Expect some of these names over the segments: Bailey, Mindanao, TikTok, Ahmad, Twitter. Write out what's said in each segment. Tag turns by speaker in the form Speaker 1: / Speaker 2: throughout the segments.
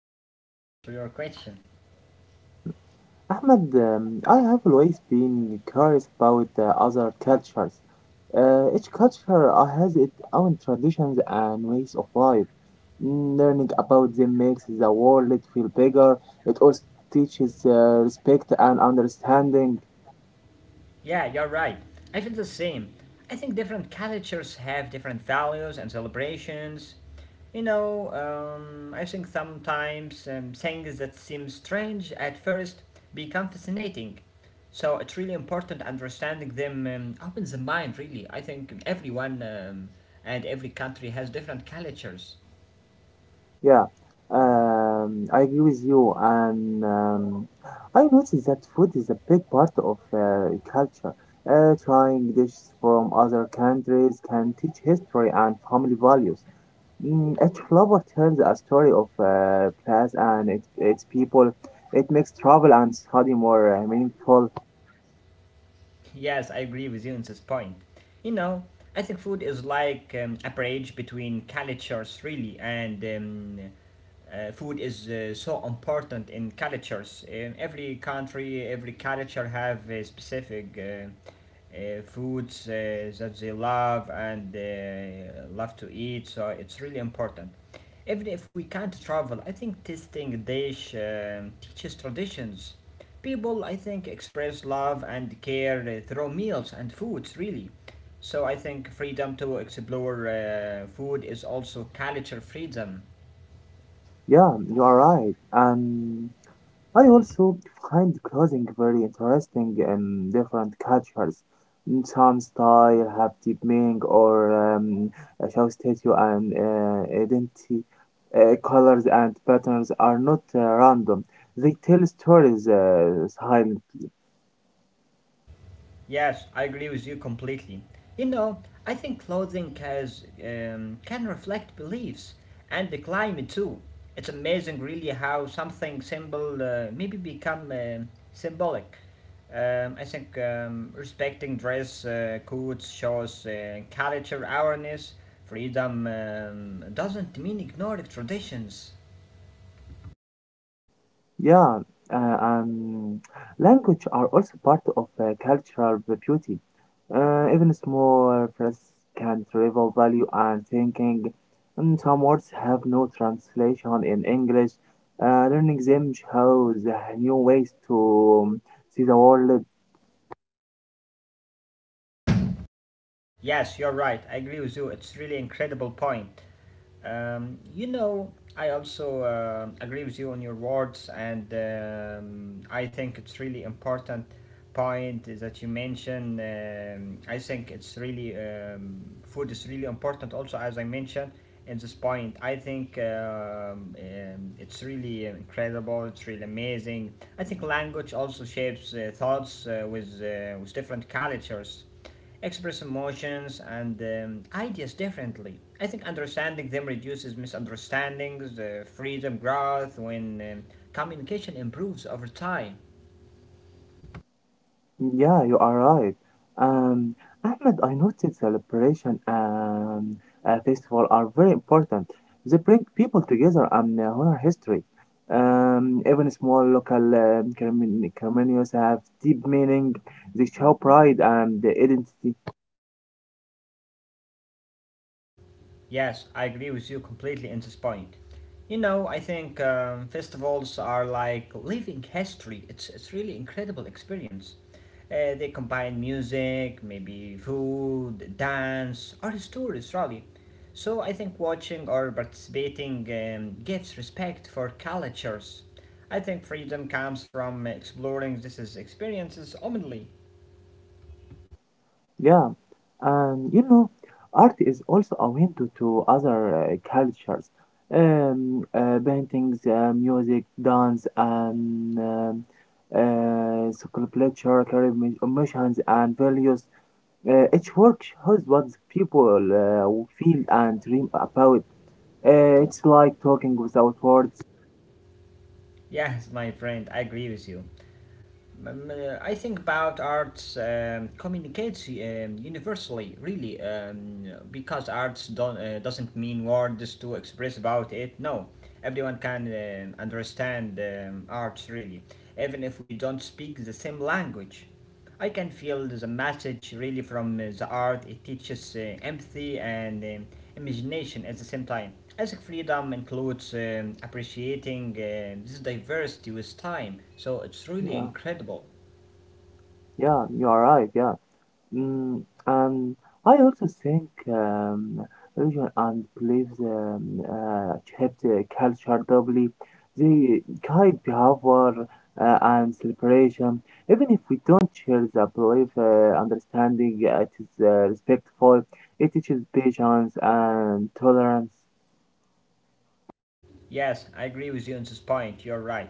Speaker 1: great. Thank you for your question.
Speaker 2: Ahmad, I have always been curious about other cultures. Each culture has its own traditions and ways of life. Mm, learning about them makes the world feel bigger. It also teaches respect and understanding.
Speaker 1: Yeah, you're right. I feel the same. I think different cultures have different values and celebrations. I think sometimes things that seem strange at first become fascinating. So it's really important understanding them opens the mind, really. I think everyone and every country has different cultures.
Speaker 2: Yeah, I agree with you. And I noticed that food is a big part of culture. Trying dishes from other countries can teach history and family values. Mm, each flavor tells a story of place and its people. It makes travel and study more meaningful.
Speaker 1: Yes, I agree with you on this point. You know, I think food is like a bridge between cultures, really, and food is so important in cultures. In every country, every culture have specific foods that they love and love to eat. So it's really important. Even if we can't travel, I think tasting dish teaches traditions. People, I think, express love and care through meals and foods. Really. So I think freedom to explore food is also culture freedom.
Speaker 2: Yeah, you are right. And I also find clothing very interesting in different cultures. Mm, some style have deep meaning or show statue and identity. Colors and patterns are not random. They tell stories, style.
Speaker 1: Yes, I agree with you completely. You know, I think clothing has, can reflect beliefs and the climate too. It's amazing, really, how something simple maybe become symbolic. I think respecting dress codes shows culture awareness. Freedom doesn't mean ignoring traditions.
Speaker 2: Yeah, uh, um, language are also part of cultural beauty. Even small phrases can reveal value and thinking. And some words have no translation in English. Learning them shows new ways to see the world.
Speaker 1: Yes, you're right. I agree with you. It's really incredible point. I also agree with you on your words, and I think it's really important point that you mentioned. I think it's really food is really important. Also, as I mentioned in this point, I think it's really incredible. It's really amazing. I think language also shapes thoughts with different cultures express emotions and ideas differently. I think understanding them reduces misunderstandings, freedom growth when communication improves over time.
Speaker 2: Yeah, you are right. Um, Ahmed, I noticed celebration and festival are very important. They bring people together and honor history. Even small local ceremonies have deep meaning. They show pride and identity.
Speaker 1: Yes, I agree with you completely in this point. I think festivals are like living history. It's really incredible experience. They combine music, maybe food, dance, art stories, really. So I think watching or participating gives respect for cultures. I think freedom comes from exploring these experiences openly.
Speaker 2: Yeah, and you know, art is also a window to other cultures. Paintings, music, dance, and sculpture carry emotions and values. Each work shows what the people feel and dream about. It's like talking without words.
Speaker 1: Yes, my friend, I agree with you. I think about arts communicates universally, really, because arts don't, doesn't mean words to express about it. No, everyone can understand arts, really, even if we don't speak the same language. I can feel the message really from the art. It teaches empathy and imagination at the same time. As freedom includes appreciating this diversity with time, so it's really
Speaker 2: Yeah,
Speaker 1: incredible.
Speaker 2: yeah, you are right. Yeah. Mm, and I also think religion and beliefs shape the culture doubly. They guide behavior and celebration. Even if we don't share the belief, understanding it is respectful. It teaches patience and tolerance.
Speaker 1: Yes, I agree with you on this point, you're right.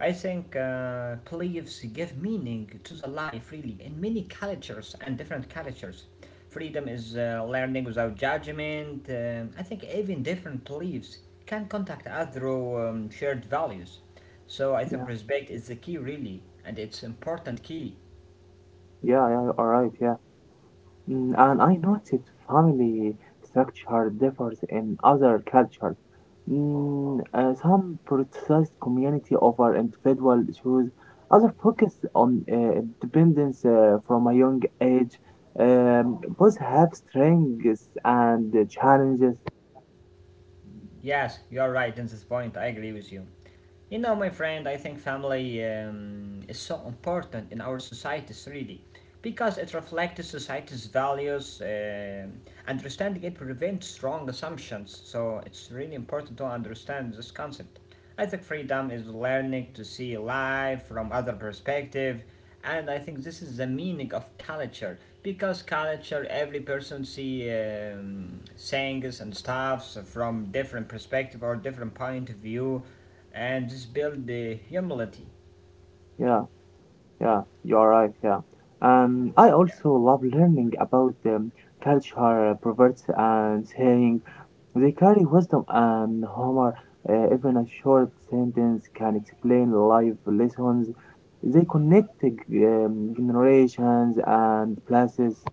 Speaker 1: I think beliefs give meaning to the life, really, in many cultures and different cultures. Freedom is learning without judgment. I think even different beliefs can contact us through shared values. So I think
Speaker 2: Yeah,
Speaker 1: respect is the key, really, and it's important key.
Speaker 2: yeah, yeah, all right, yeah. Mm, and I noticed family structure differs in other cultures. Mm, some prioritize community over individual issues, others focus on independence from a young age. Both have strengths and challenges.
Speaker 1: Yes, you're right in this point, I agree with you. My friend, I think family is so important in our societies, really, because it reflects society's values. Understanding it prevents wrong assumptions, so it's really important to understand this concept. I think freedom is learning to see life from other perspective, and I think this is the meaning of culture because culture every person see things and stuffs from different perspective or different point of view, and this build the humility.
Speaker 2: Yeah, yeah, you're right. Yeah. I also love learning about culture, proverbs, and sayings. They carry wisdom and humor. Even a short sentence can explain life lessons. They connect generations and places.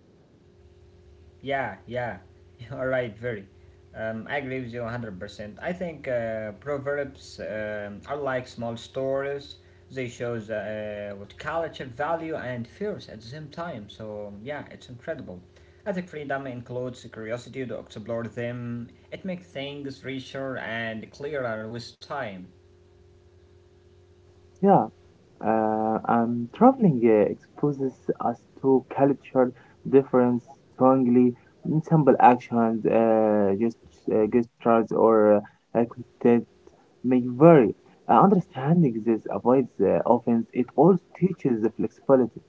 Speaker 1: Yeah, yeah, you're right, very. I agree with you 100%. I think proverbs are like small stories. They shows what culture, value, and fears at the same time. So yeah, it's incredible. I think freedom includes curiosity to explore them. It makes things richer and clearer with time.
Speaker 2: Yeah, and traveling exposes us to culture difference strongly. Simple actions, gestures, or content may vary. Understanding this avoids offense. It also teaches the flexibility.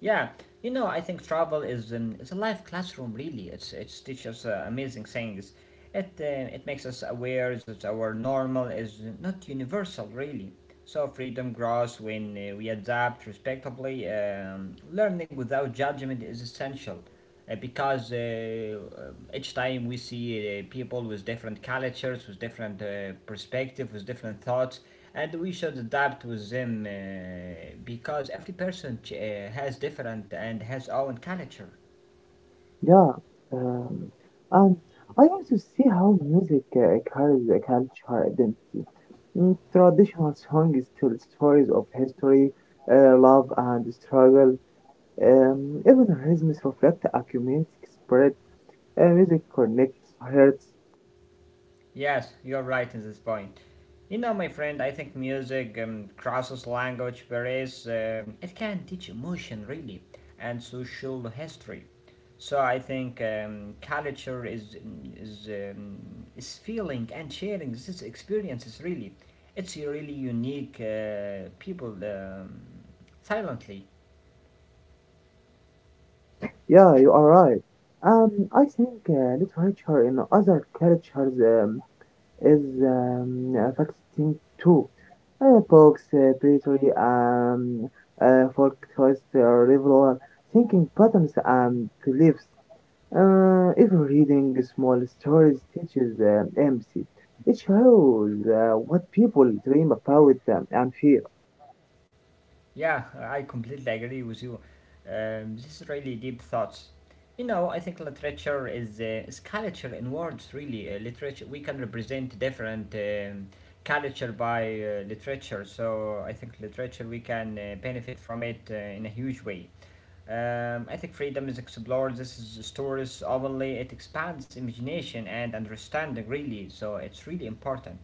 Speaker 1: Yeah, I think travel is it's a live classroom. Really, it teaches amazing things. It makes us aware that our normal is not universal, really. So freedom grows when we adapt respectably. Learning without judgment is essential because each time we see people with different cultures, with different perspectives, with different thoughts, and we should adapt with them because every person has different and has own culture.
Speaker 2: Yeah, um, and I want to see how music carries a cultural identity. Mm, traditional songs tell stories of history, love, and struggle. Even rhythms reflect a community spirit. Music connects hearts.
Speaker 1: Yes, you're right in this point. My friend, I think music crosses language barriers. It can teach emotion, really, and social history. So I think culture is feeling and sharing these experiences. Really, it's a really unique people silently.
Speaker 2: Yeah, you are right. I think literature in other cultures is affecting too. Books, poetry, folk choice, rival thinking patterns and beliefs. If reading small stories teaches empathy, it shows what people dream about and fear.
Speaker 1: Yeah, I completely agree with you. This is really deep thoughts. I think literature is culture in words. Really, literature we can represent different culture by literature. So I think literature we can benefit from it in a huge way. Ethic freedom is explored. This is stories openly. It expands imagination and understanding, really. So it's really important.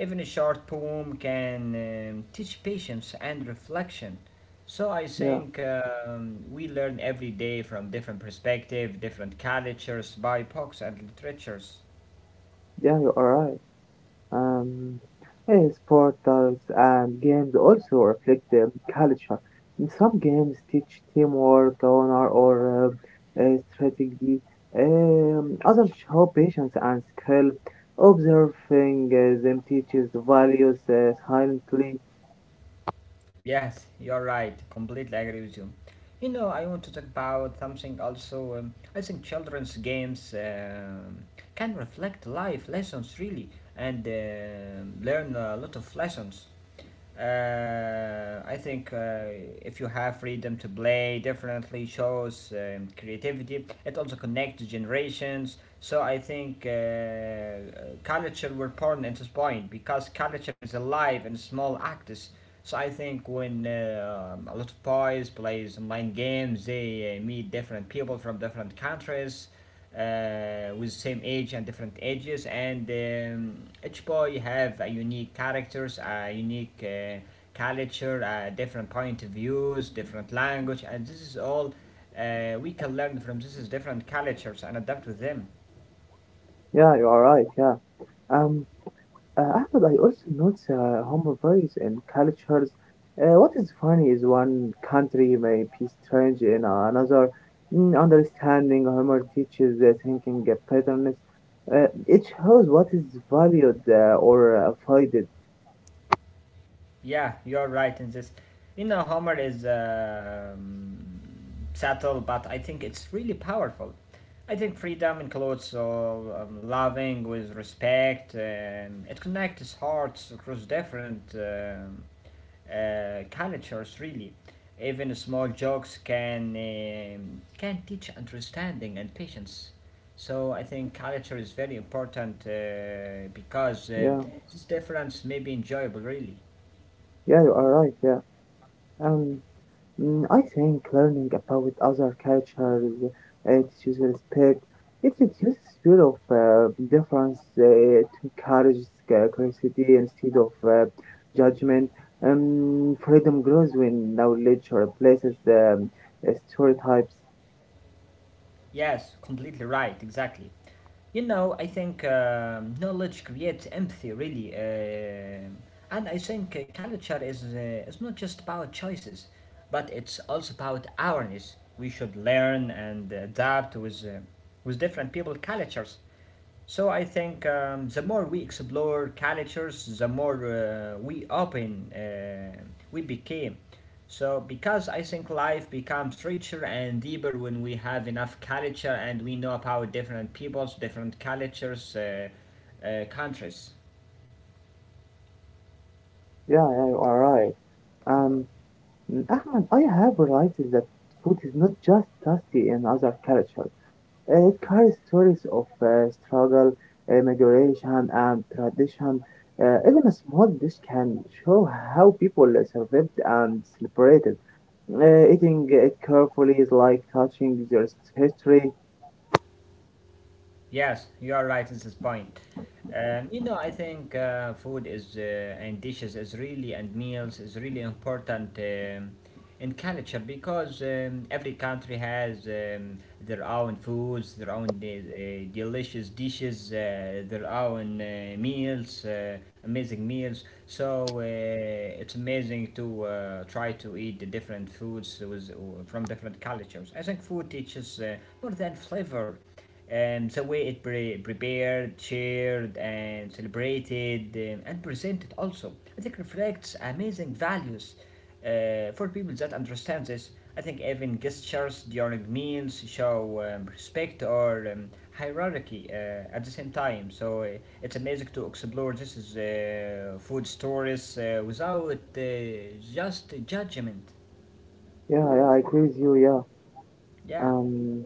Speaker 1: Even a short poem can teach patience and reflection. So I
Speaker 2: Yeah,
Speaker 1: think we learn every day from different perspectives, different cultures, by books and literatures.
Speaker 2: yeah, you are right. Um, his portals and games also reflect the culture. Some games teach teamwork, honor, or strategy. Others show patience and skill. Observing them teaches values silently.
Speaker 1: Yes, you're right. Completely agree with you. I want to talk about something also. I think children's games can reflect life lessons really and learn a lot of lessons. I think if you have freedom to play differently, shows creativity. It also connects generations. So I think culture were born at this point because culture is alive in small actors. So I think when a lot of boys plays online games, they meet different people from different countries with same age and different ages and each boy have a unique characters a unique culture different point of views different language and this is all we can learn from this is different cultures and adapt with them.
Speaker 2: Yeah, you are right. Yeah. Um, Ahmed, I also notice humble in cultures. What is funny is one country may be strange in another. Mm, understanding humor teaches the thinking patterns. It shows what is valued or avoided.
Speaker 1: Yeah, you're right in this. Homer is subtle, but I think it's really powerful. I think freedom includes loving with respect. It connects hearts across different cultures, really. Even small jokes can can teach understanding and patience. So I think culture is very important because
Speaker 2: Yeah,
Speaker 1: this difference may be enjoyable, really.
Speaker 2: yeah, you are right. Yeah. Um, Mm, I think learning about other cultures teaches respect. It reduces fear of difference to encourage curiosity instead of judgment. Freedom grows when knowledge replaces stereotypes.
Speaker 1: Yes, completely right, exactly. I think knowledge creates empathy, really. And I think culture is not just about choices, but it's also about awareness. We should learn and adapt with different people cultures. So I think the more we explore cultures, the more we open we became. So because I think life becomes richer and deeper when we have enough culture and we know about different peoples, different cultures, countries.
Speaker 2: Yeah, yeah, you are right. Um, Ahmed, I have realized that food is not just tasty in other cultures. It carries stories of struggle, migration, and tradition. Even a small dish can show how people survived and celebrated. Eating it carefully is like touching their history.
Speaker 1: Yes, you are right in this point. I think food is and dishes is really and meals is really important in culture because every country has their own foods, their own delicious dishes, their own meals, amazing meals. So it's amazing to try to eat the different foods from different cultures. I think food teaches more than flavor. The way it prepared, shared, and celebrated, and presented also, I think reflects amazing values for people that understand this. I think even gestures during meals show respect or hierarchy at the same time. So it's amazing to explore this is food stories without just judgment.
Speaker 2: Yeah, yeah, I agree with you. Yeah.
Speaker 1: Yeah.
Speaker 2: Um,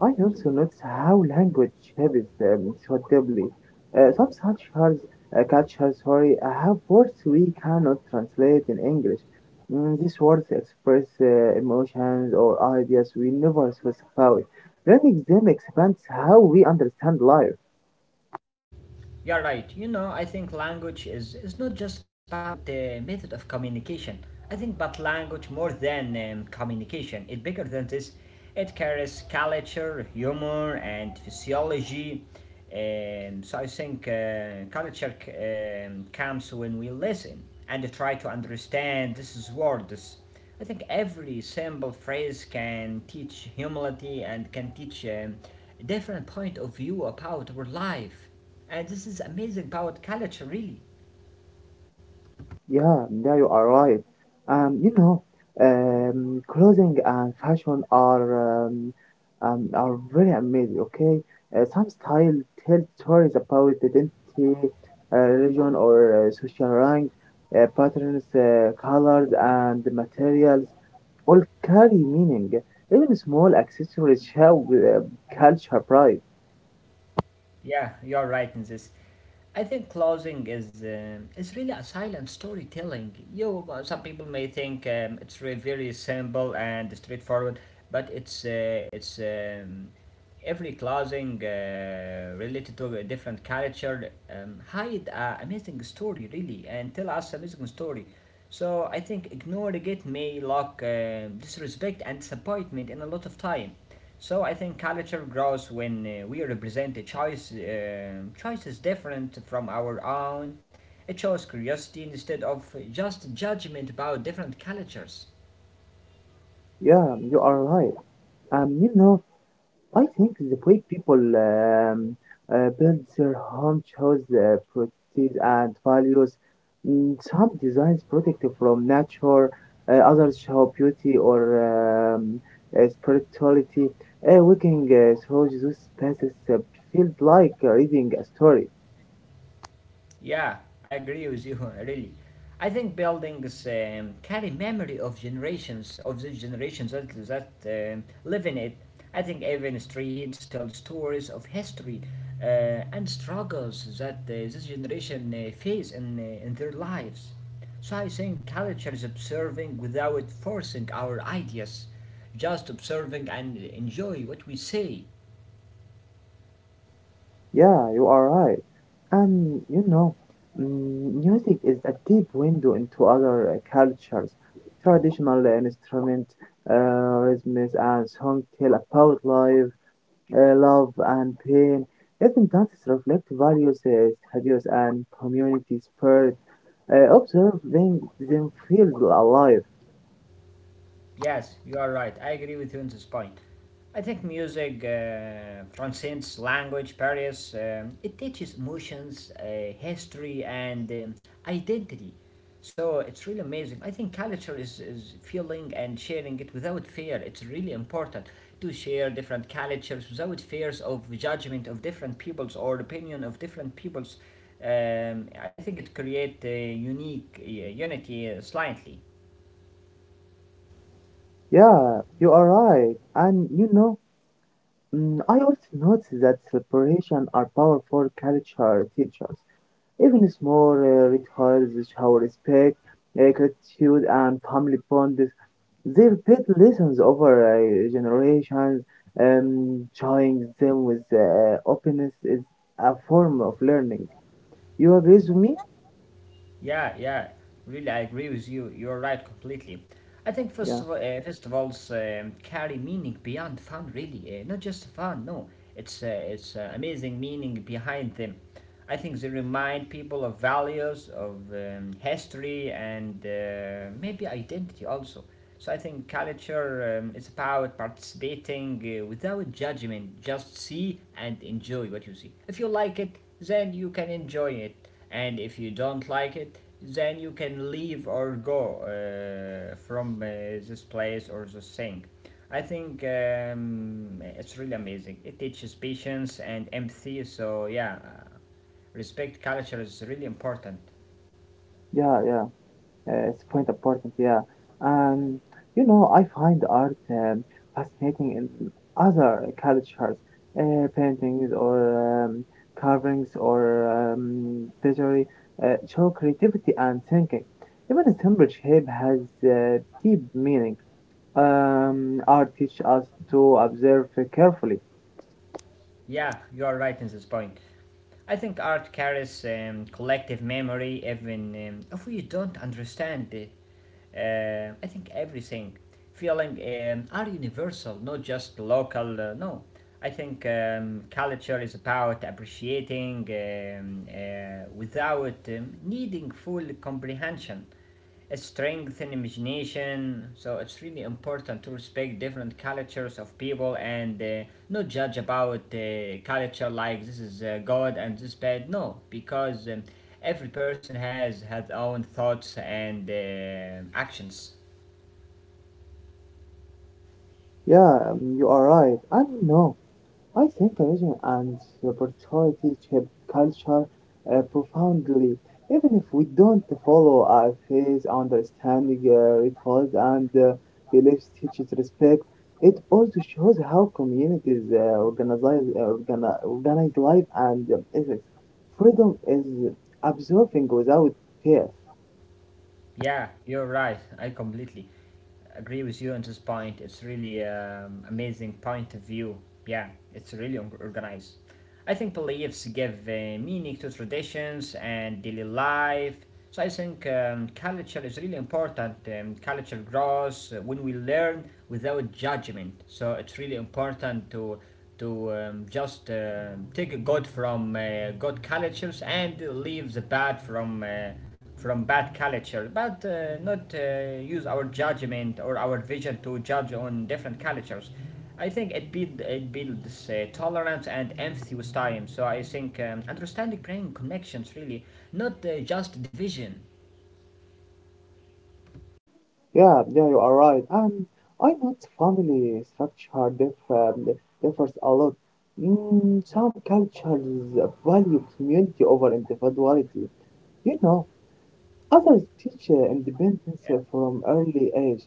Speaker 2: I also notice how language shapes so deeply. Some cultures sorry, have words we cannot translate in English. Mm, these words express emotions or ideas we never specify. Learning them expands how we understand life.
Speaker 1: You're right. I think language is not just about the method of communication. I think but language more than communication. It's bigger than this. It carries culture, humor, and physiology. So I think culture comes when we listen and try to understand these words. I think every simple phrase can teach humility and can teach a different point of view about our life. And this is amazing about culture, really.
Speaker 2: Yeah, yeah, you are right. You know, clothing and fashion are very amazing. Okay, some style tell stories about identity, religion, or social rank. Patterns, colors, and materials all carry meaning. Even small accessories show culture pride.
Speaker 1: Yeah, you're right in this. I think clothing is really a silent storytelling. Some people may think it's very simple and straightforward, but it's every clothing related to a different culture hide a amazing story really and tell us amazing story so I think ignoring it may lock disrespect and disappointment in a lot of time. So I think culture grows when we represent a choices different from our own. It shows curiosity instead of just judgment about different cultures.
Speaker 2: Yeah, you are right. You know, I think the way people build their home shows properties and values. Mm, some designs protect from nature, others show beauty or spirituality. Walking through those spaces feels like reading a story.
Speaker 1: Yeah, I agree with you, really. I think buildings carry memory of generations, of the generations that live in it. I think even streets tell stories of history and struggles that this generation face in their lives. So I think culture is observing without forcing our ideas, just observing and enjoy what we see.
Speaker 2: Yeah, you are right. And you know, mm, music is a deep window into other cultures. Traditional instruments, rhythms, and songs tell about life, love, and pain. Even dances reflect values and community spirit. Observing them feels alive.
Speaker 1: Yes, you are right. I agree with you on this point. I think music transcends language barriers. It teaches emotions, history, and identity. So it's really amazing. I think culture is feeling and sharing it without fear. It's really important to share different cultures without fears of judgment of different peoples or opinion of different peoples. I think it creates a unique unity slightly.
Speaker 2: Yeah, you are right. And you know, mm, I also noticed that celebration are powerful culture teachers. Even small rituals show respect, gratitude, and family bonds. They repeat lessons over generations, showing them with openness is a form of learning. You agree with me?
Speaker 1: Yeah, yeah, really, I agree with you. You're right completely. I think
Speaker 2: Yeah,
Speaker 1: festivals carry meaning beyond fun, really. Not just fun, no. It's uh, amazing meaning behind them. I think they remind people of values, of history, and maybe identity also. So I think culture is about participating without judgment. Just see and enjoy what you see. If you like it, then you can enjoy it, and if you don't like it then you can leave or go from this place or this thing. I think it's really amazing. It teaches patience and empathy, so yeah, respect culture is really important.
Speaker 2: yeah, yeah. It's quite important, yeah. Um, you know, I find art fascinating in other cultures, paintings or carvings or pottery show creativity and thinking. Even a simple shape has deep meaning. Art teaches us to observe carefully.
Speaker 1: Yeah, you are right in this point. I think art carries collective memory, even if we don't understand it. I think everything, feeling are universal, not just local. No, I think culture is about appreciating without needing full comprehension. It's strength and imagination, so it's really important to respect different cultures of people and not judge about culture like this is good and this bad. No, because every person has own thoughts and actions.
Speaker 2: Yeah, you are right. I don't know. I think religion and spirituality shape culture profoundly, even if we don't follow our faith, understanding rituals and beliefs teaches respect. It also shows how communities organize life and ethics. Freedom is observing without fear.
Speaker 1: Yeah, you're right. I completely agree with you on this point. It's really amazing point of view. Yeah, it's really organized. I think beliefs give meaning to traditions and daily life. So I think culture is really important. Culture grows when we learn without judgment. So it's really important to just take good from good cultures and leave the bad from. From bad culture, but not use our judgment or our vision to judge on different cultures. I think it builds tolerance and empathy with time. So I think understanding bring connections really, not just division.
Speaker 2: Yeah, yeah, you are right. And I know family structure differs a lot. Mm, some cultures value community over individuality. You know, others teach independence from early age.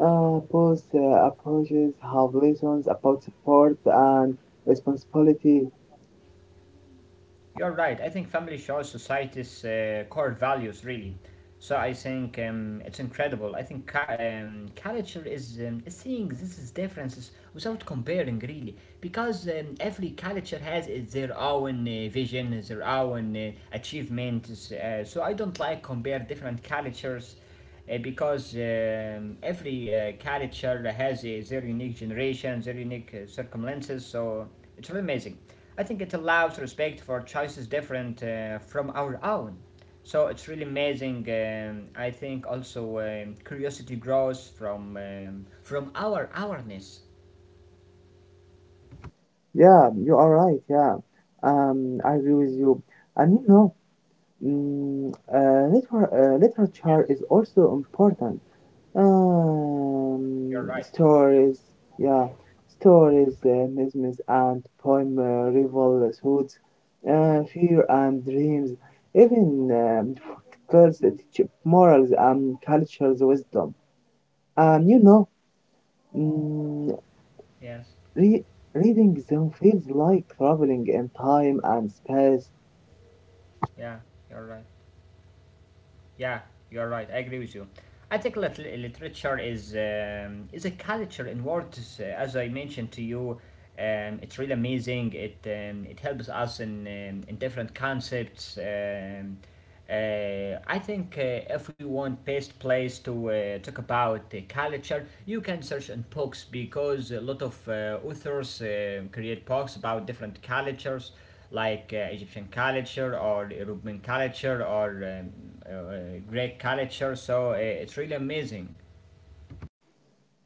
Speaker 2: Both approaches have lessons about support and responsibility.
Speaker 1: You're right. I think family shows society's core values, really. So I think it's incredible. I think culture is seeing these differences without comparing, really, because every culture has its their own vision, their own achievements. So I don't like compare different cultures because every culture has their unique generation, their unique circumstances. So it's really amazing. I think it allows respect for choices different from our own. So it's really amazing. I think also curiosity grows from our awareness.
Speaker 2: Yeah, you are right. Yeah, I agree with you. And you know, mm, literature
Speaker 1: Yes,
Speaker 2: is also important.
Speaker 1: you're right.
Speaker 2: Stories, yeah, stories, memes and poem, rivalhoods, fear and dreams, even girls that teach morals and cultures wisdom. And you know, mm,
Speaker 1: Yes,
Speaker 2: re- reading them feels like traveling in time and space.
Speaker 1: yeah, you're right. Yeah, you're right. I agree with you. I think literature is a culture in words. As I mentioned to you, it's really amazing. It helps us in different concepts. I think if we want best place to talk about the culture, you can search on books because a lot of authors create books about different cultures, like Egyptian culture or European culture or uh, uh, Greek culture. So it's really amazing.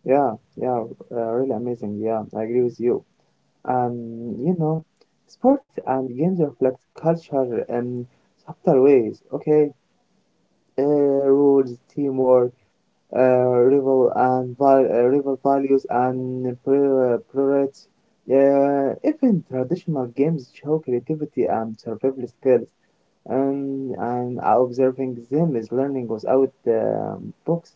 Speaker 2: Yeah, yeah, really amazing. Yeah, I agree with you. You know, sports and games reflect culture in subtle ways. Okay, rules, teamwork, uh, rival values and priorities. Even traditional games show creativity and survival skills. And observing them is learning without books.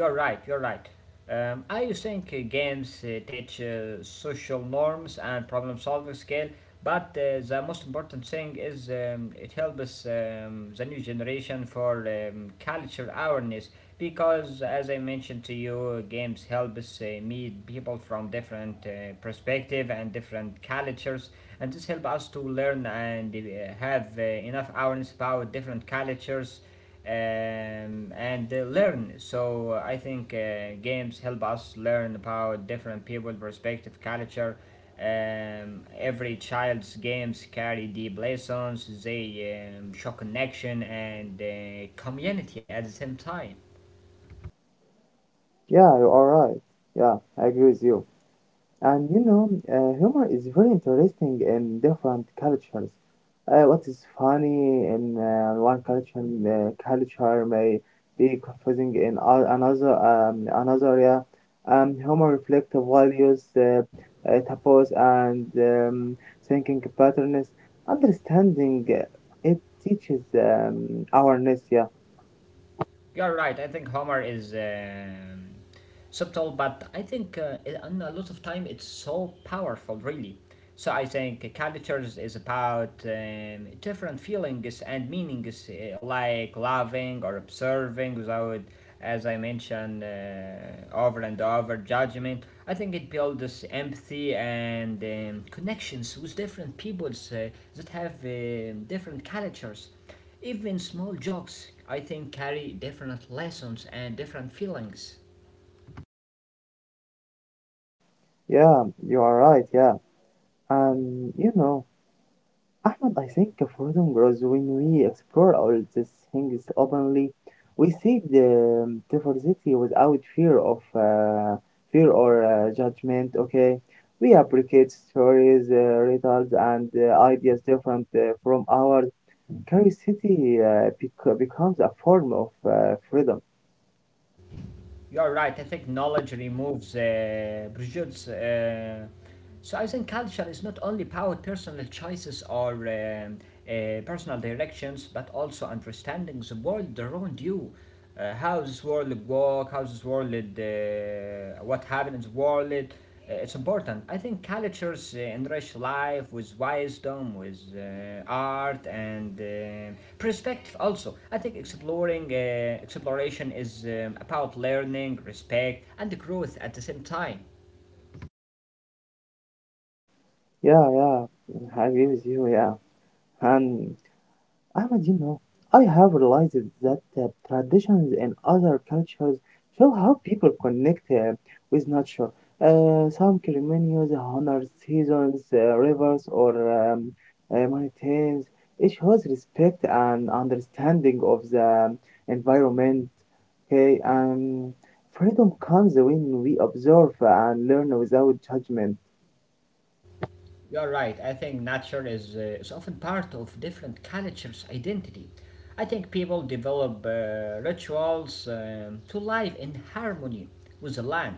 Speaker 1: You're right, you're right. I think games teach social norms and problem solving skill, but the most important thing is it helps the new generation for culture awareness, because, as I mentioned to you, games help us meet people from different perspective and different cultures, and this help us to learn and have enough awareness about different cultures, and learn. So I think games help us learn about different people, perspective, culture. Every child's games carry deep lessons. They show connection and community at the same time.
Speaker 2: Yeah, you are right. Yeah, I agree with you. And you know, humor is very interesting in different cultures. What is funny in one culture may be confusing in another another area. Humor reflects values, taboos, and thinking patterns. Understanding it teaches awareness. Yeah,
Speaker 1: You're right. I think Homer is subtle, but I think in a lot of time it's so powerful, really. So I think cultures is about different feelings and meanings, like loving or observing, without, as I mentioned, over and over, judgment. I think it builds empathy and connections with different peoples that have different cultures. Even small jokes, I think, carry different lessons and different feelings.
Speaker 2: yeah, you are right. Yeah, and you know. Ahmed, I think freedom grows when we explore all these things openly. We see the diversity without fear or judgment. Okay, we appreciate stories, riddles, and ideas different from ours. Curiosity becomes a form of freedom.
Speaker 1: You're right, I think knowledge removes prejudice. So I think culture is not only about personal choices or personal directions, but also understanding the world around you. How this world work, how this world, what happened in the world, it's important. I think cultures enrich life with wisdom, with art and perspective. Also, I think exploring exploration is about learning, respect, and growth at the same time.
Speaker 2: Yeah, yeah, I agree with you. Yeah, and Ahmed, you know, I have realized that traditions in other cultures show how people connect with nature. Some ceremonies honor seasons, rivers, or mountains. It shows respect and understanding of the environment. Okay, and freedom comes when we observe and learn without judgment.
Speaker 1: You're right. I think nature is often part of different cultures' identity. I think people develop rituals to live in harmony with the land.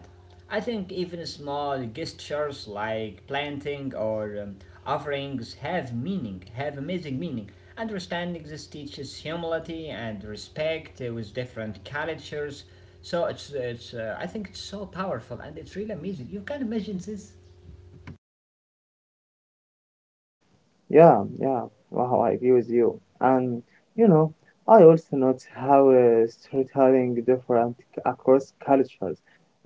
Speaker 1: I think even small gestures like planting or offerings have meaning, have amazing meaning. Understanding this teaches humility and respect with different cultures. So it's, I think it's so powerful and it's really amazing. You can imagine this.
Speaker 2: Yeah, yeah. Wow, I agree with you. And you know, I also note how storytelling different across cultures.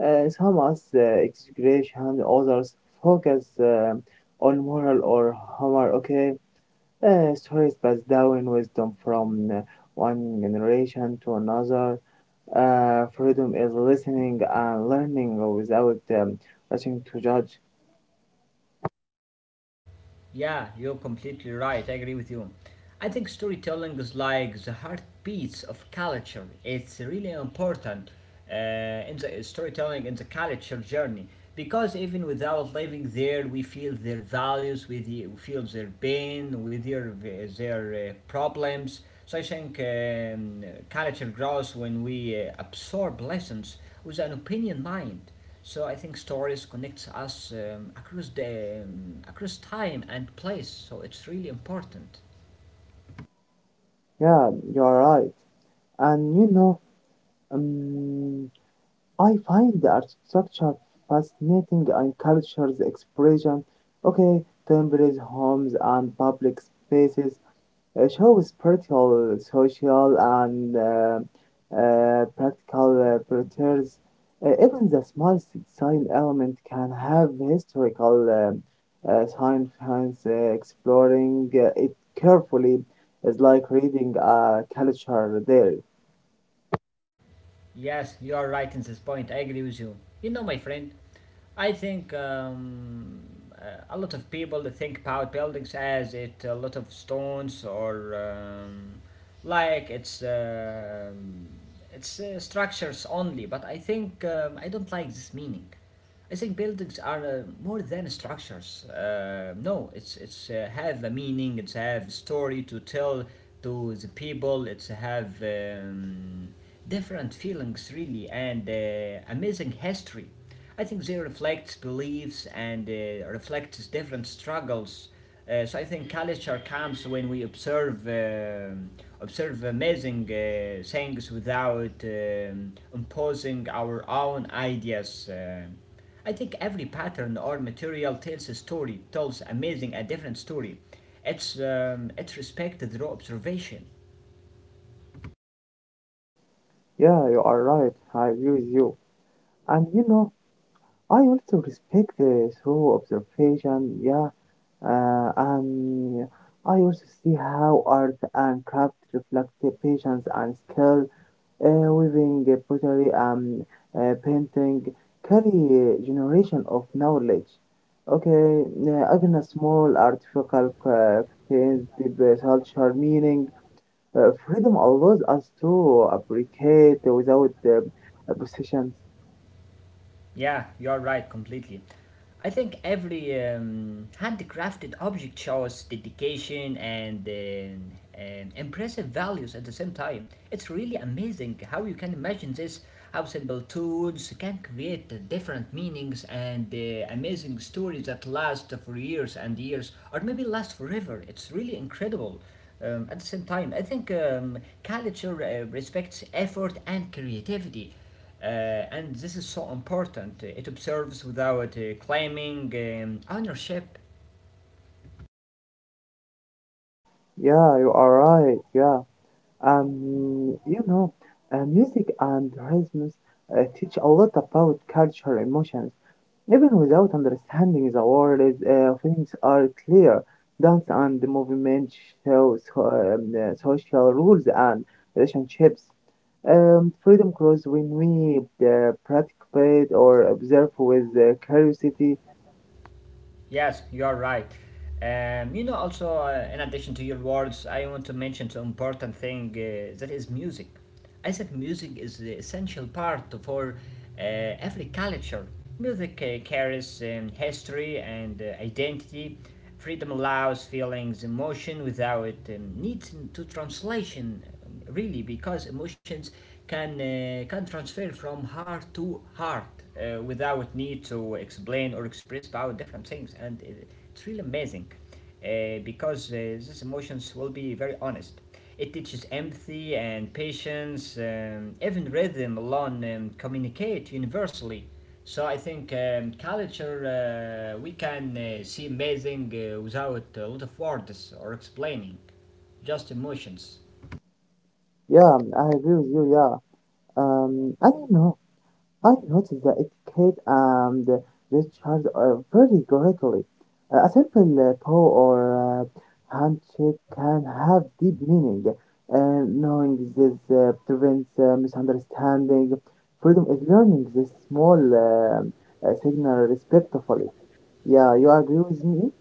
Speaker 2: Some as exaggeration, others focus on moral or humor. Okay, stories pass down wisdom from one generation to another. Freedom is listening and learning without rushing to judge.
Speaker 1: Yeah, you're completely right. I agree with you. I think storytelling is like the heartbeats of culture. It's really important in the storytelling in the culture journey, because even without living there, we feel their values, we feel their pain, with their their problems. So I think culture grows when we absorb lessons with an opinion mind. So I think stories connects us across time and place. So it's really important.
Speaker 2: Yeah, you are right. And you know. Um, I find the architecture fascinating and culture's expression. Okay, temples, homes, and public spaces show spiritual, social, and practical features. Even the smallest design element can have historical significance. Exploring it carefully is like reading a culture there.
Speaker 1: Yes, you are right in this point. I agree with you. You know, my friend, I think a lot of people they think about buildings as it a lot of stones or like it's structures only. But I think I don't like this meaning. I think buildings are more than structures. No, it's have a meaning. It's have story to tell to the people. It's have different feelings really and amazing history. I think they reflect beliefs and reflects different struggles. So I think culture comes when we observe amazing things without imposing our own ideas. I think every pattern or material tells a story, tells amazing a different story. It's respected through observation.
Speaker 2: Yeah, you are right. I agree with you. And you know, I also respect the through observation, yeah, and I also see how art and craft reflect the patience and skill, weaving pottery and painting carry a generation of knowledge. Okay, even a small artificial craft contains deep cultural meaning. Freedom allows us to appreciate without possessions.
Speaker 1: Yeah, you're right completely. I think every handcrafted object shows dedication and impressive values at the same time. It's really amazing how you can imagine this, how simple tools can create different meanings and amazing stories that last for years and years, or maybe last forever. It's really incredible. At the same time, I think culture respects effort and creativity. And this is so important. It observes without claiming ownership.
Speaker 2: Yeah, you are right. Yeah. Um, you know, Music and rhythms teach a lot about culture, emotions. Even without understanding the words, things are clear. Dance and movement shows social rules and relationships. Freedom grows when we participate or observe with curiosity.
Speaker 1: Yes, you are right. You know, also, in addition to your words, I want to mention the important thing that is music. I think music is the essential part for every culture. Music carries history and identity. Freedom allows feelings, emotion without need to translation. Really, because emotions can transfer from heart to heart without need to explain or express about different things, and it's really amazing because these emotions will be very honest. It teaches empathy and patience. Even rhythm alone communicate universally. So I think culture we can see amazing without a lot of words or explaining, just emotions.
Speaker 2: Yeah, I agree with you. Yeah. I don't know. I noticed that it could the recharge very greatly. A simple paw or handshake can have deep meaning, and knowing this prevents misunderstanding. Freedom is learning this small signal respectfully. Yeah, you agree with me?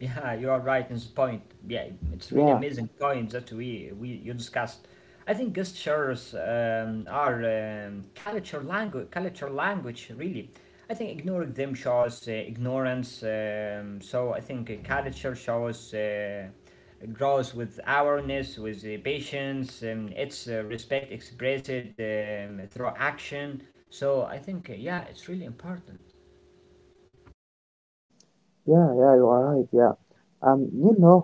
Speaker 1: Yeah, you are right in this point. Yeah, it's really
Speaker 2: Yeah,
Speaker 1: amazing point that we you discussed. I think gestures are culture language really. I think ignoring them shows ignorance. So I think culture shows grows with awareness, with patience. It's respect expressed through action. So I think yeah, it's really important.
Speaker 2: yeah, yeah, you are right. Yeah. Um, you know,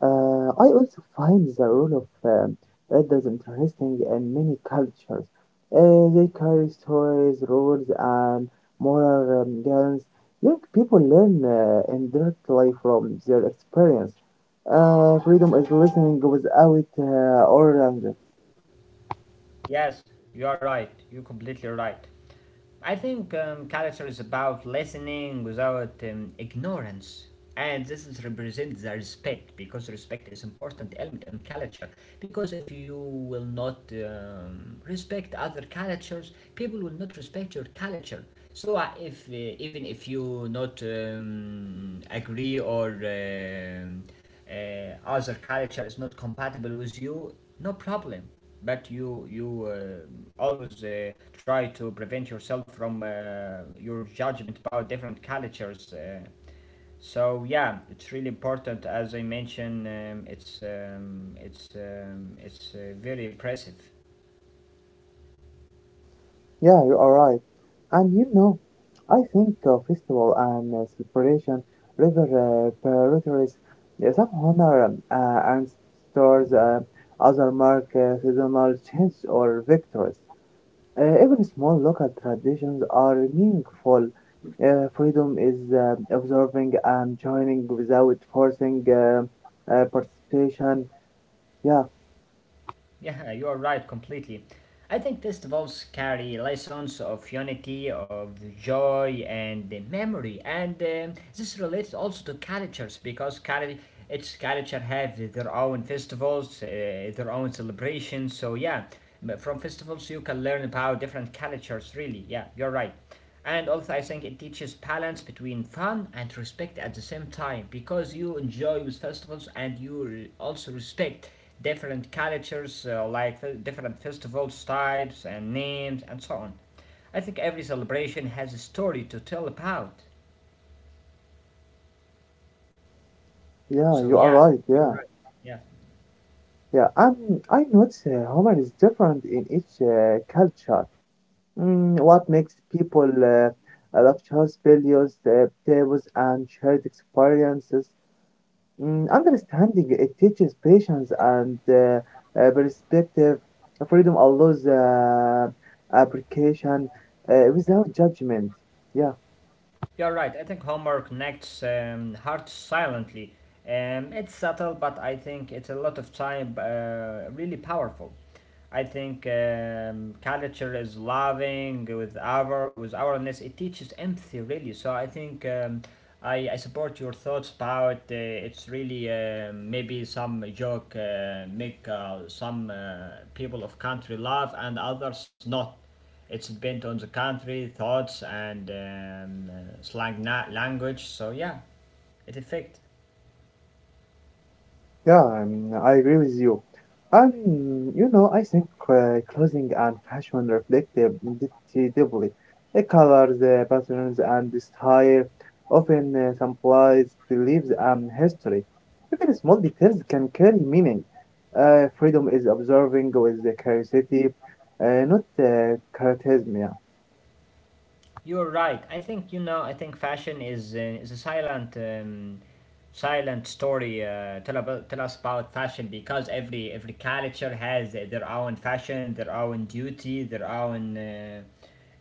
Speaker 2: I also find the role of elders interesting in many cultures. They carry stories, rules, and moral guidance. Young people learn indirectly from their experience. Freedom is listening without order.
Speaker 1: Yes, you are right. You're completely right. I think culture is about listening without ignorance. And this is represents the respect because respect is important element in culture. Because if you will not respect other cultures, people will not respect your culture. So if even if you not agree or other culture is not compatible with you, no problem, but you always try to prevent yourself from your judgment about different cultures. So yeah, it's really important. As I mentioned, it's very impressive.
Speaker 2: Yeah, you are right. And you know, I think festival and celebration river priorities some honor and stores other mark seasonal change or victories. Even small local traditions are meaningful. Freedom is observing and joining without forcing participation. Yeah,
Speaker 1: Yeah, you are right completely. I think festivals carry lessons of unity, of joy, and the memory, and this relates also to cultures because each culture have their own festivals, their own celebrations. So yeah, from festivals you can learn about different cultures. Really, yeah, you're right. And also, I think it teaches balance between fun and respect at the same time because you enjoy with festivals and you also respect different cultures, like different festivals, types, and names, and so on. I think every celebration has a story to tell about.
Speaker 2: yeah,
Speaker 1: So,
Speaker 2: you are
Speaker 1: yeah,
Speaker 2: right.
Speaker 1: you're
Speaker 2: Yeah.
Speaker 1: right. Yeah.
Speaker 2: Yeah, I notice humor is different in each culture. Mm, what makes people love shows, videos, tables, and shared experiences? Mm, understanding it teaches patience and perspective. Freedom allows application without judgment. Yeah.
Speaker 1: You're right. I think Homer connects hearts silently. It's subtle, but I think it's a lot of time really powerful. I think culture is loving with our with awareness. It teaches empathy really. So I think I support your thoughts about it's really maybe some joke make some people of country laugh and others not. It's depend on the country, thoughts, and slang language. So yeah, it affect.
Speaker 2: Yeah, I agree with you. Um, I think clothing and fashion reflect their identity deeply. The colors, the patterns, and the style often symbolize beliefs and history. Even small details can carry meaning. Freedom is observing with the curiosity, not criticism.
Speaker 1: You're right. I think you know. I think fashion is a silent. Silent story tell us about fashion because every culture has their own fashion, their own duty, their own uh,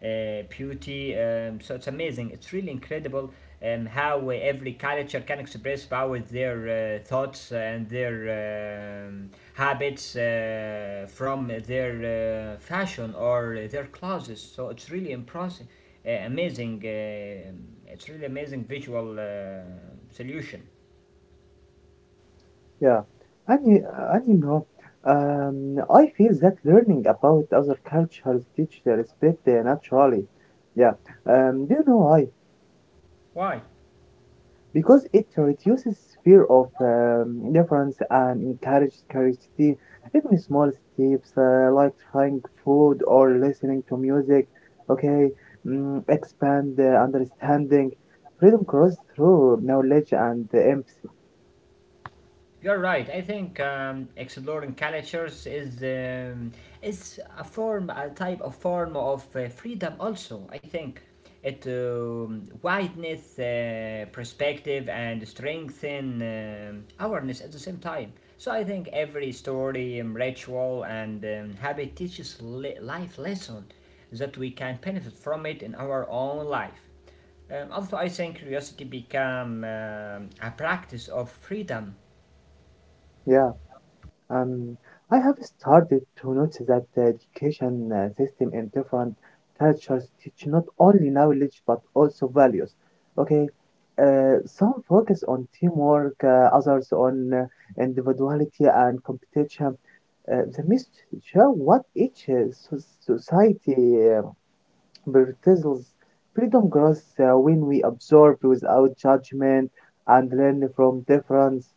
Speaker 1: uh, beauty. So it's amazing, it's really incredible. How every culture can express about their thoughts and their habits from their fashion or their clothes. So it's really impressive, amazing. It's really amazing visual solution.
Speaker 2: Yeah, and you, and you know, I feel that learning about other cultures teach the respect naturally. Yeah, do you know why?
Speaker 1: Why?
Speaker 2: Because it reduces fear of difference and encourages curiosity. Even small steps like trying food or listening to music, okay, mm, expand the understanding. Freedom grows through knowledge and empathy.
Speaker 1: You're right. I think exploring cultures is a form, a type of form of freedom. Also, I think it widens perspective and strengthen awareness at the same time. So I think every story, ritual, and habit teaches life lesson that we can benefit from it in our own life. Also, I think curiosity become a practice of freedom.
Speaker 2: Yeah. Um, I have started to notice that the education system in different cultures teach not only knowledge but also values. Okay, some focus on teamwork, others on individuality and competition. The myths show what each society prioritizes. Freedom grows when we observe without judgment and learn from difference.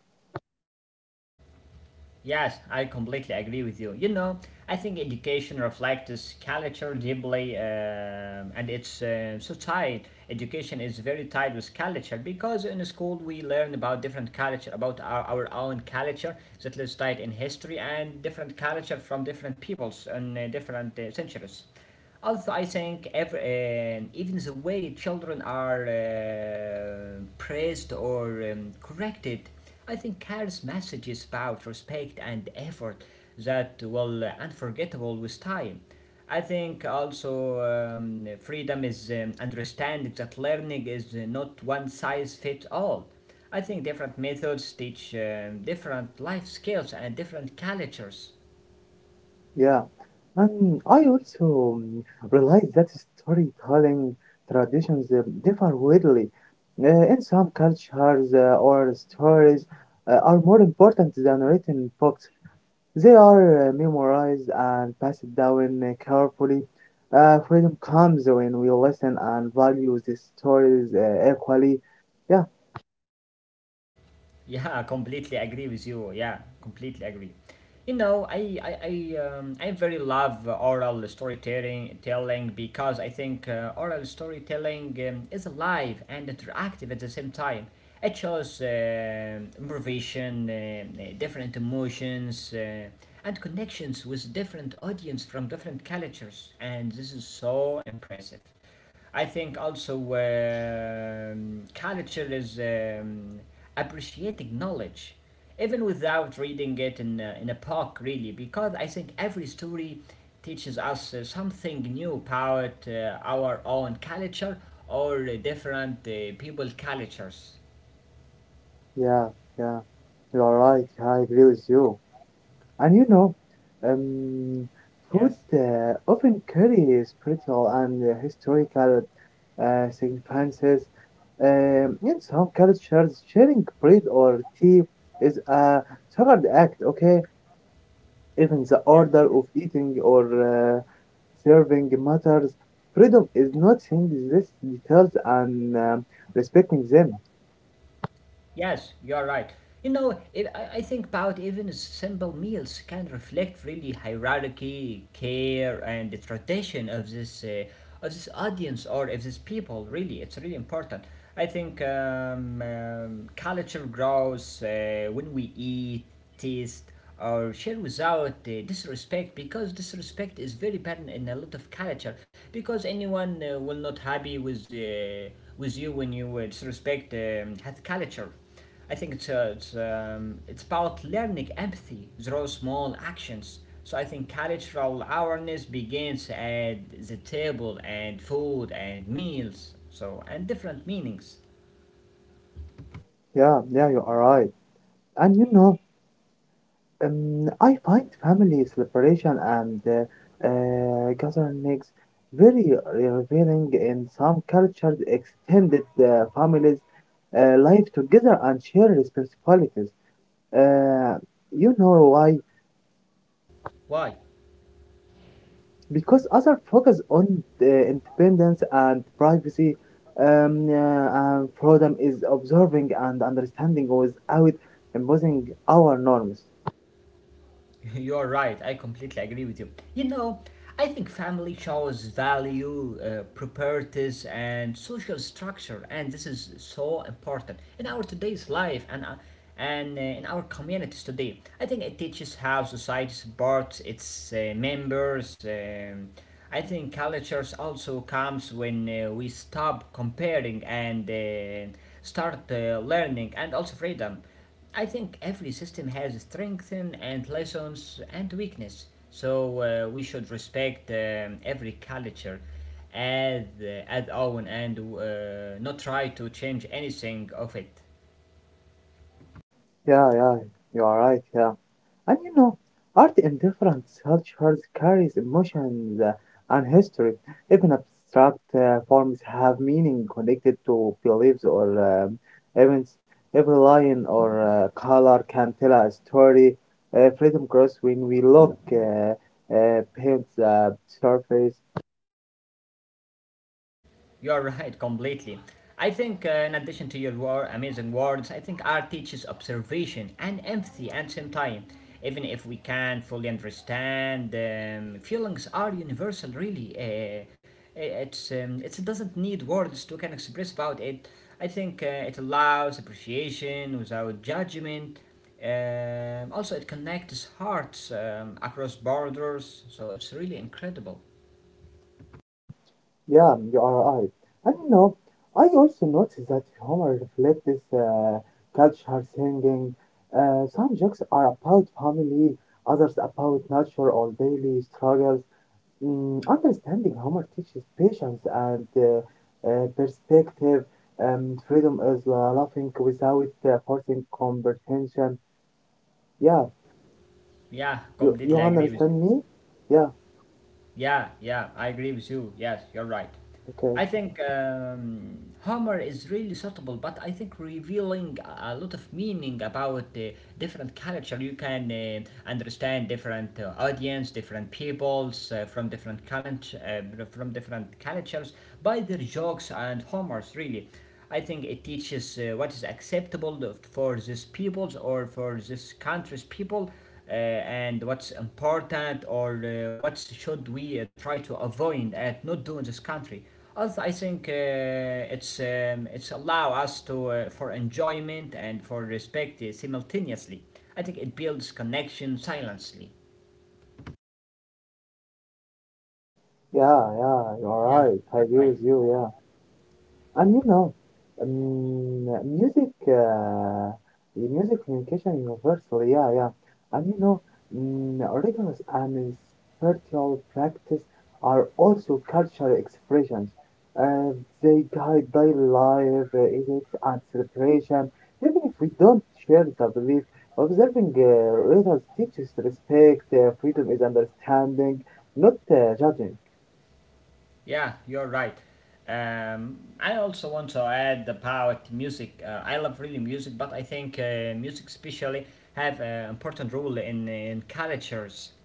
Speaker 1: Yes, I completely agree with you. You know, I think education reflects culture deeply, and it's so tied. Education is very tied with culture because in school we learn about different culture, about our own culture that is tied in history and different culture from different peoples and different centuries. Also, I think every, and even the way children are praised or corrected, I think carries messages about respect and effort that will unforgettable with time. I think also freedom is understanding that learning is not one size fits all. I think different methods teach different life skills and different cultures.
Speaker 2: Yeah, and I also realized that storytelling traditions differ widely. Uh, in some cultures, or stories are more important than written books. They are memorized and passed down carefully. Freedom comes when we listen and value the stories equally. Yeah,
Speaker 1: Yeah, completely agree with you. Yeah, completely agree. You know, I very love oral storytelling telling because I think oral storytelling is alive and interactive at the same time. It shows improvisation, different emotions, and connections with different audience from different cultures, and this is so impressive. I think also culture is appreciating knowledge, even without reading it in in a book, really, because I think every story teaches us something new about our own culture or different people cultures.
Speaker 2: yeah, yeah. You are right. I agree with you. And um, food
Speaker 1: Yes.
Speaker 2: often carries spiritual and historical significances. In some cultures, sharing bread or tea is a sacred act, okay? Even the
Speaker 1: Yeah.
Speaker 2: order of eating or serving matters. Freedom is not seeing these details and respecting them.
Speaker 1: Yes, you're right. You know, I think about even simple meals can reflect really hierarchy, care, and the tradition of this audience or of this people. Really, it's really important. I think culture grows when we eat, taste, or share without disrespect because disrespect is very bad in a lot of culture because anyone will not happy with you when you disrespect that culture. I think it's it's about learning empathy through small actions. So I think cultural awareness begins at the table and food and meals, so and different meanings.
Speaker 2: Yeah, yeah, you are right. And you know, I find family celebration and gatherings very revealing in some cultures. Extended families live together and share responsibilities. Uh, you know why?
Speaker 1: Why?
Speaker 2: Because others focus on the independence and privacy. And freedom is observing and understanding without imposing our norms.
Speaker 1: You are right. I completely agree with you. You know, I think family shows value, properties, and social structure, and this is so important in our today's life and in our communities today. I think it teaches how society supports its members. I think cultures also comes when we stop comparing and start learning, and also freedom. I think every system has strengths and lessons and weakness, so we should respect every culture as own and not try to change anything of it.
Speaker 2: Yeah, yeah, you are right. Yeah. And you know, art in different cultures carries emotions and history. Even abstract forms have meaning connected to beliefs or events. Every line or color can tell a story. Freedom grows when we look paint the surface.
Speaker 1: You're right, completely. I think, in addition to your war, amazing words, I think art teaches observation and empathy at the same time. Even if we can't fully understand, feelings are universal, really. It's, it doesn't need words to can express about it. I think it allows appreciation without judgment. Also, it connects hearts across borders, so it's really incredible.
Speaker 2: Yeah, you are right. And you know, I also noticed that humor reflects this culture singing. Some jokes are about family, others about nature or daily struggles. Mm, understanding humor teaches patience and perspective. Freedom is laughing without forcing comprehension. Yeah,
Speaker 1: Yeah,
Speaker 2: you
Speaker 1: completely
Speaker 2: you
Speaker 1: agree with you.
Speaker 2: understand me? Yeah,
Speaker 1: Yeah, yeah, I agree with you. Yes, you're right.
Speaker 2: okay.
Speaker 1: I think humor is really suitable, but I think revealing a lot of meaning about the different culture. You can understand different audience, different peoples from different culture, from different cultures by their jokes and humors. Really, I think it teaches what is acceptable for these peoples or for this country's people and what's important or what should we try to avoid and not do in this country. Also, I think it's allow us to for enjoyment and for respect simultaneously. I think it builds connection silently.
Speaker 2: Yeah, yeah, you are
Speaker 1: Yeah,
Speaker 2: right. I
Speaker 1: you're
Speaker 2: agree
Speaker 1: right.
Speaker 2: with you. Yeah. And um, music, the music communication universally, yeah, yeah. And you know, rigorous and spiritual practice are also cultural expressions. Uh, they guide daily life, ethics, and celebration. Even if we don't share the belief, observing rituals teaches respect. Uh, freedom is understanding, not judging.
Speaker 1: Yeah, you're right. I also want to add about music. I love really music, but I think music especially have an important role in cultures.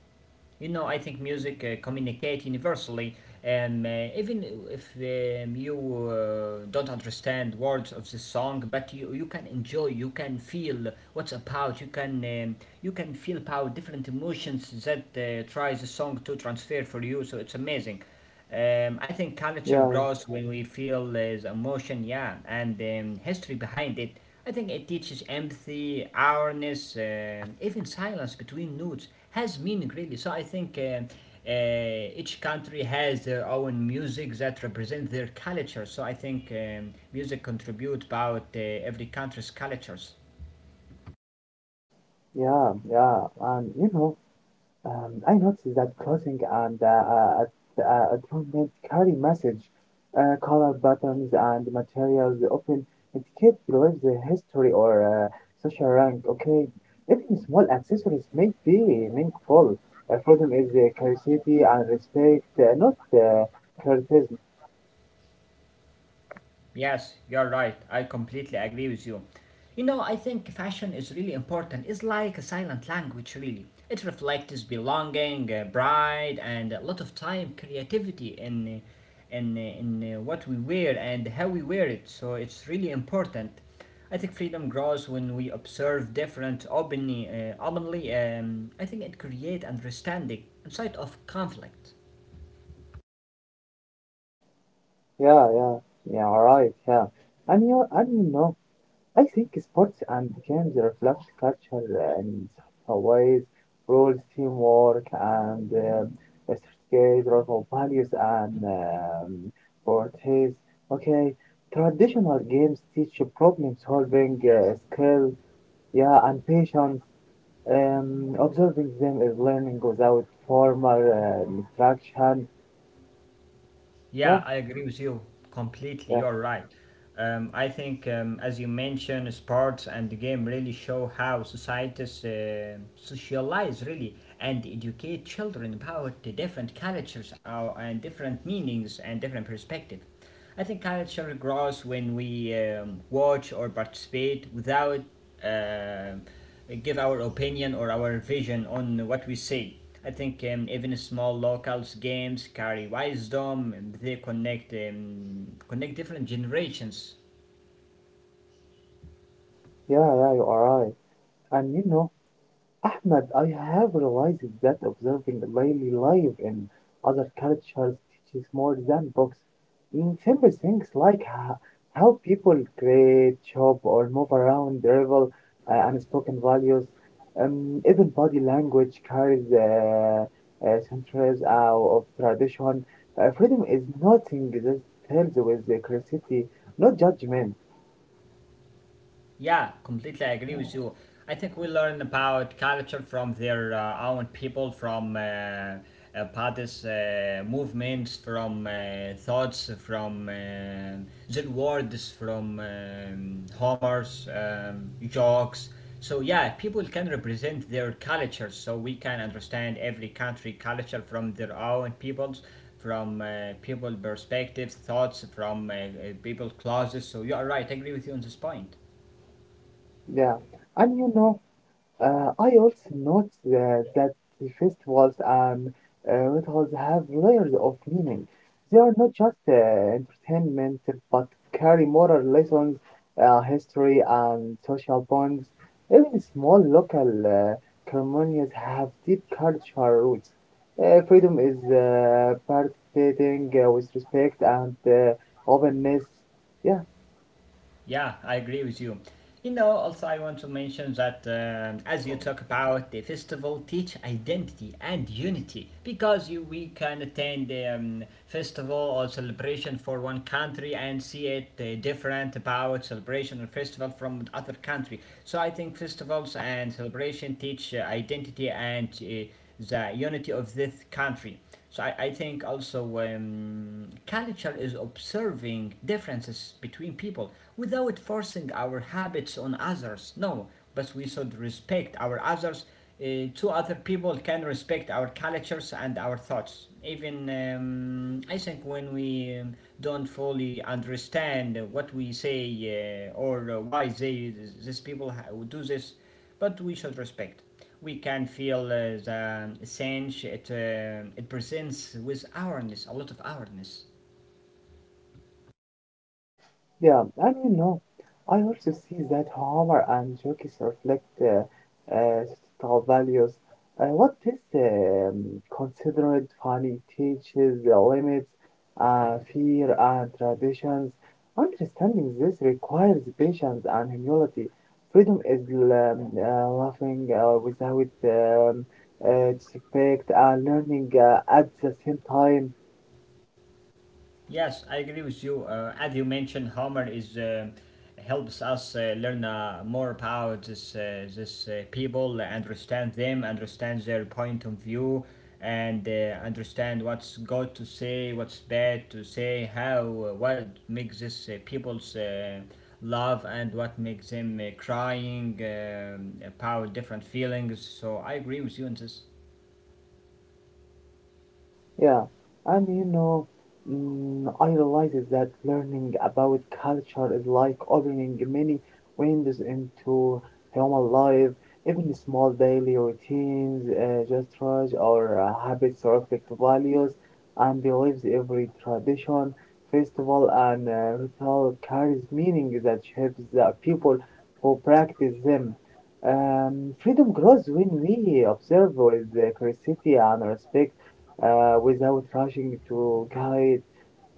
Speaker 1: You know, I think music communicate universally, even if you don't understand words of the song, but you can enjoy, you can feel what's about, you can feel about different emotions that tries the song to transfer for you. So it's amazing. I think culture
Speaker 2: Yeah,
Speaker 1: grows when we feel emotion, yeah, and history behind it. I think it teaches empathy, awareness, even silence between notes has meaning really. So I think each country has their own music that represents their culture. So I think music contribute about every country's cultures.
Speaker 2: yeah, yeah. And you know, I noticed that clothing and adornments carry message. Color buttons and materials often indicate beliefs, history, or social rank. Okay, even small accessories may be meaningful. Freedom is curiosity and respect, not criticism.
Speaker 1: Yes, you're right. I completely agree with you. You know, I think fashion is really important. It's like a silent language, really. It reflects belonging, pride, and a lot of time, creativity in what we wear and how we wear it. So it's really important. I think freedom grows when we observe different openly. I think it creates understanding inside of conflict.
Speaker 2: Yeah, yeah, yeah. All right, yeah. And you know, I think sports and games reflect culture in some ways, rules, teamwork, and strategic values and priorities. Okay, traditional games teach problem solving
Speaker 1: Yes.
Speaker 2: skill, yeah, and patience. Observing them is learning without formal instruction. Yeah,
Speaker 1: Yeah, I agree with you completely.
Speaker 2: yeah,
Speaker 1: You're right. I think, as you mentioned, sports and the game really show how societies socialize really and educate children about the different cultures and different meanings and different perspective. I think culture grows when we watch or participate without uh, give our opinion or our vision on what we see. I think even small locals games carry wisdom. And They connect connect different generations.
Speaker 2: yeah, yeah, you are right. And you know, Ahmed, I have realized that observing daily life in other cultures teaches more than books. In simple things like how people create, shop, or move around, revel unspoken values. Even body language carries centuries of tradition. Freedom is nothing that tells with the curiosity, not judgment.
Speaker 1: Yeah, completely agree with you. I think we learn about culture from their own people, from about this movements, from thoughts, from their words, from homers, jokes. So yeah, people can represent their cultures, so we can understand every country culture from their own peoples, from people perspectives, thoughts, from people clauses. So you are right. I agree with you on this point.
Speaker 2: Yeah, and you know. I also note that the festivals and rituals have layers of meaning. They are not just entertainment, but carry moral lessons, history, and social bonds. Even small local ceremonies have deep cultural roots. Freedom is participating with respect and openness. Yeah.
Speaker 1: Yeah, I agree with you. You know, also I want to mention that as you talk about the festival, teach identity and unity because you we can attend the festival or celebration for one country and see it different about celebration or festival from other country. So I think festivals and celebration teach identity and the unity of this country. So I think also culture is observing differences between people without forcing our habits on others. No, but we should respect our others. Two other people can respect our cultures and our thoughts. Even I think when we don't fully understand what we say or why they, these people do this, but we should respect. We can feel the sense it presents with awareness, a lot of awareness.
Speaker 2: Yeah, and you know, I also see that humor and jokes reflect uh, societal values. What is considered funny teaches the limits, fear, and traditions. Understanding this requires patience and humility. Freedom is laughing without disrespect and learning at the same time.
Speaker 1: Yes, I agree with you. As you mentioned, Homer is helps us learn more about this people, understand them, understand their point of view, and understand what's good to say, what's bad to say, how what makes this people's love and what makes them crying about different feelings. So I agree with you on this.
Speaker 2: Yeah, and you know, mm, I realizes that learning about culture is like opening many windows into human life. Even small daily routines, gestures, or habits reflect values and beliefs. Every tradition, festival, and ritual carries meaning that shapes the people who practice them. Freedom grows when we observe with curiosity and respect without rushing to guide,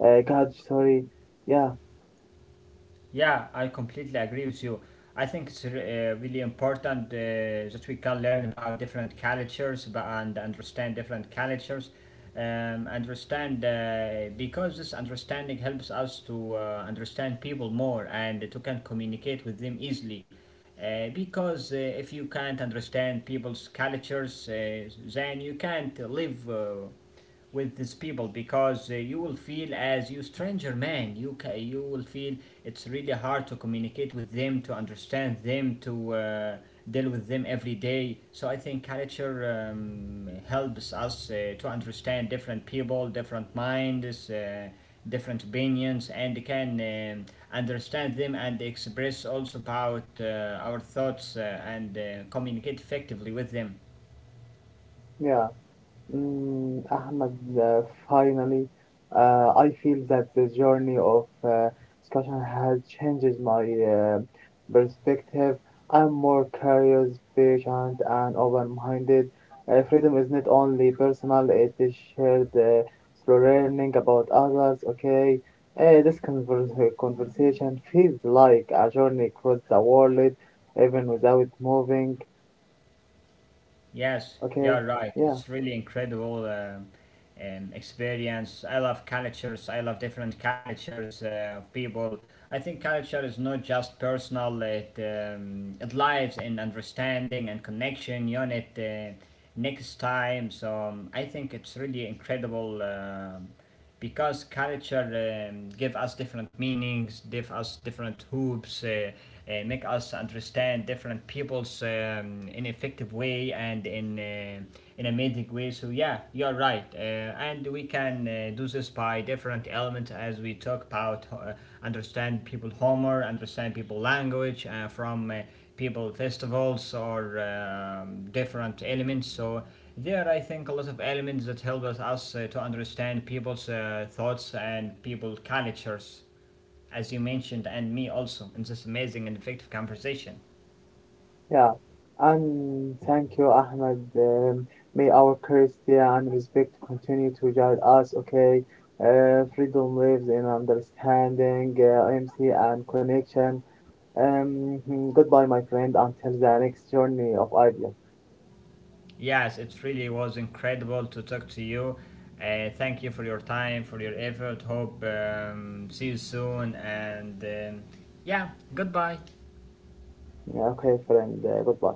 Speaker 2: God, sorry. Yeah,
Speaker 1: Yeah, I completely agree with you. I think it's really important that we can learn about different cultures and understand different cultures. Understand Because this understanding helps us to understand people more and to can communicate with them easily. Because if you can't understand people's cultures, then you can't live. With these people because you will feel as you stranger man, you will feel it's really hard to communicate with them, to understand them, to deal with them every day. So I think culture helps us to understand different people, different minds, different opinions, and can understand them and express also about our thoughts and communicate effectively with them.
Speaker 2: yeah. Mm, Ahmed, finally, I feel that the journey of discussion has changed my perspective. I'm more curious, patient, and open-minded. Freedom is not only personal; it is shared through learning about others. Okay, this conversation feels like a journey across the world, even without moving.
Speaker 1: Yes,
Speaker 2: Okay,
Speaker 1: you're right.
Speaker 2: yeah.
Speaker 1: It's really incredible experience. I love cultures. I love different cultures of people. I think culture is not just personal. It lives in understanding and connection. Unit next time. So I think it's really incredible. Because culture give us different meanings, give us different hoops, make us understand different peoples in an effective way and in amazing way. So yeah, you're right, and we can do this by different elements as we talk about understand people humor, understand people language from. People festivals or different elements. So there I think a lot of elements that help us to understand people's thoughts and people cultures as you mentioned, and me also in this amazing and effective conversation.
Speaker 2: Yeah, and thank you, Ahmed. May our curiosity and respect continue to guide us, okay? Freedom lives in understanding, empathy, and connection. Goodbye, my friend, until the next journey of ideas.
Speaker 1: Yes, it really was incredible to talk to you. Thank you for your time, for your effort. Hope see you soon, and yeah, goodbye.
Speaker 2: Yeah, okay, friend, goodbye.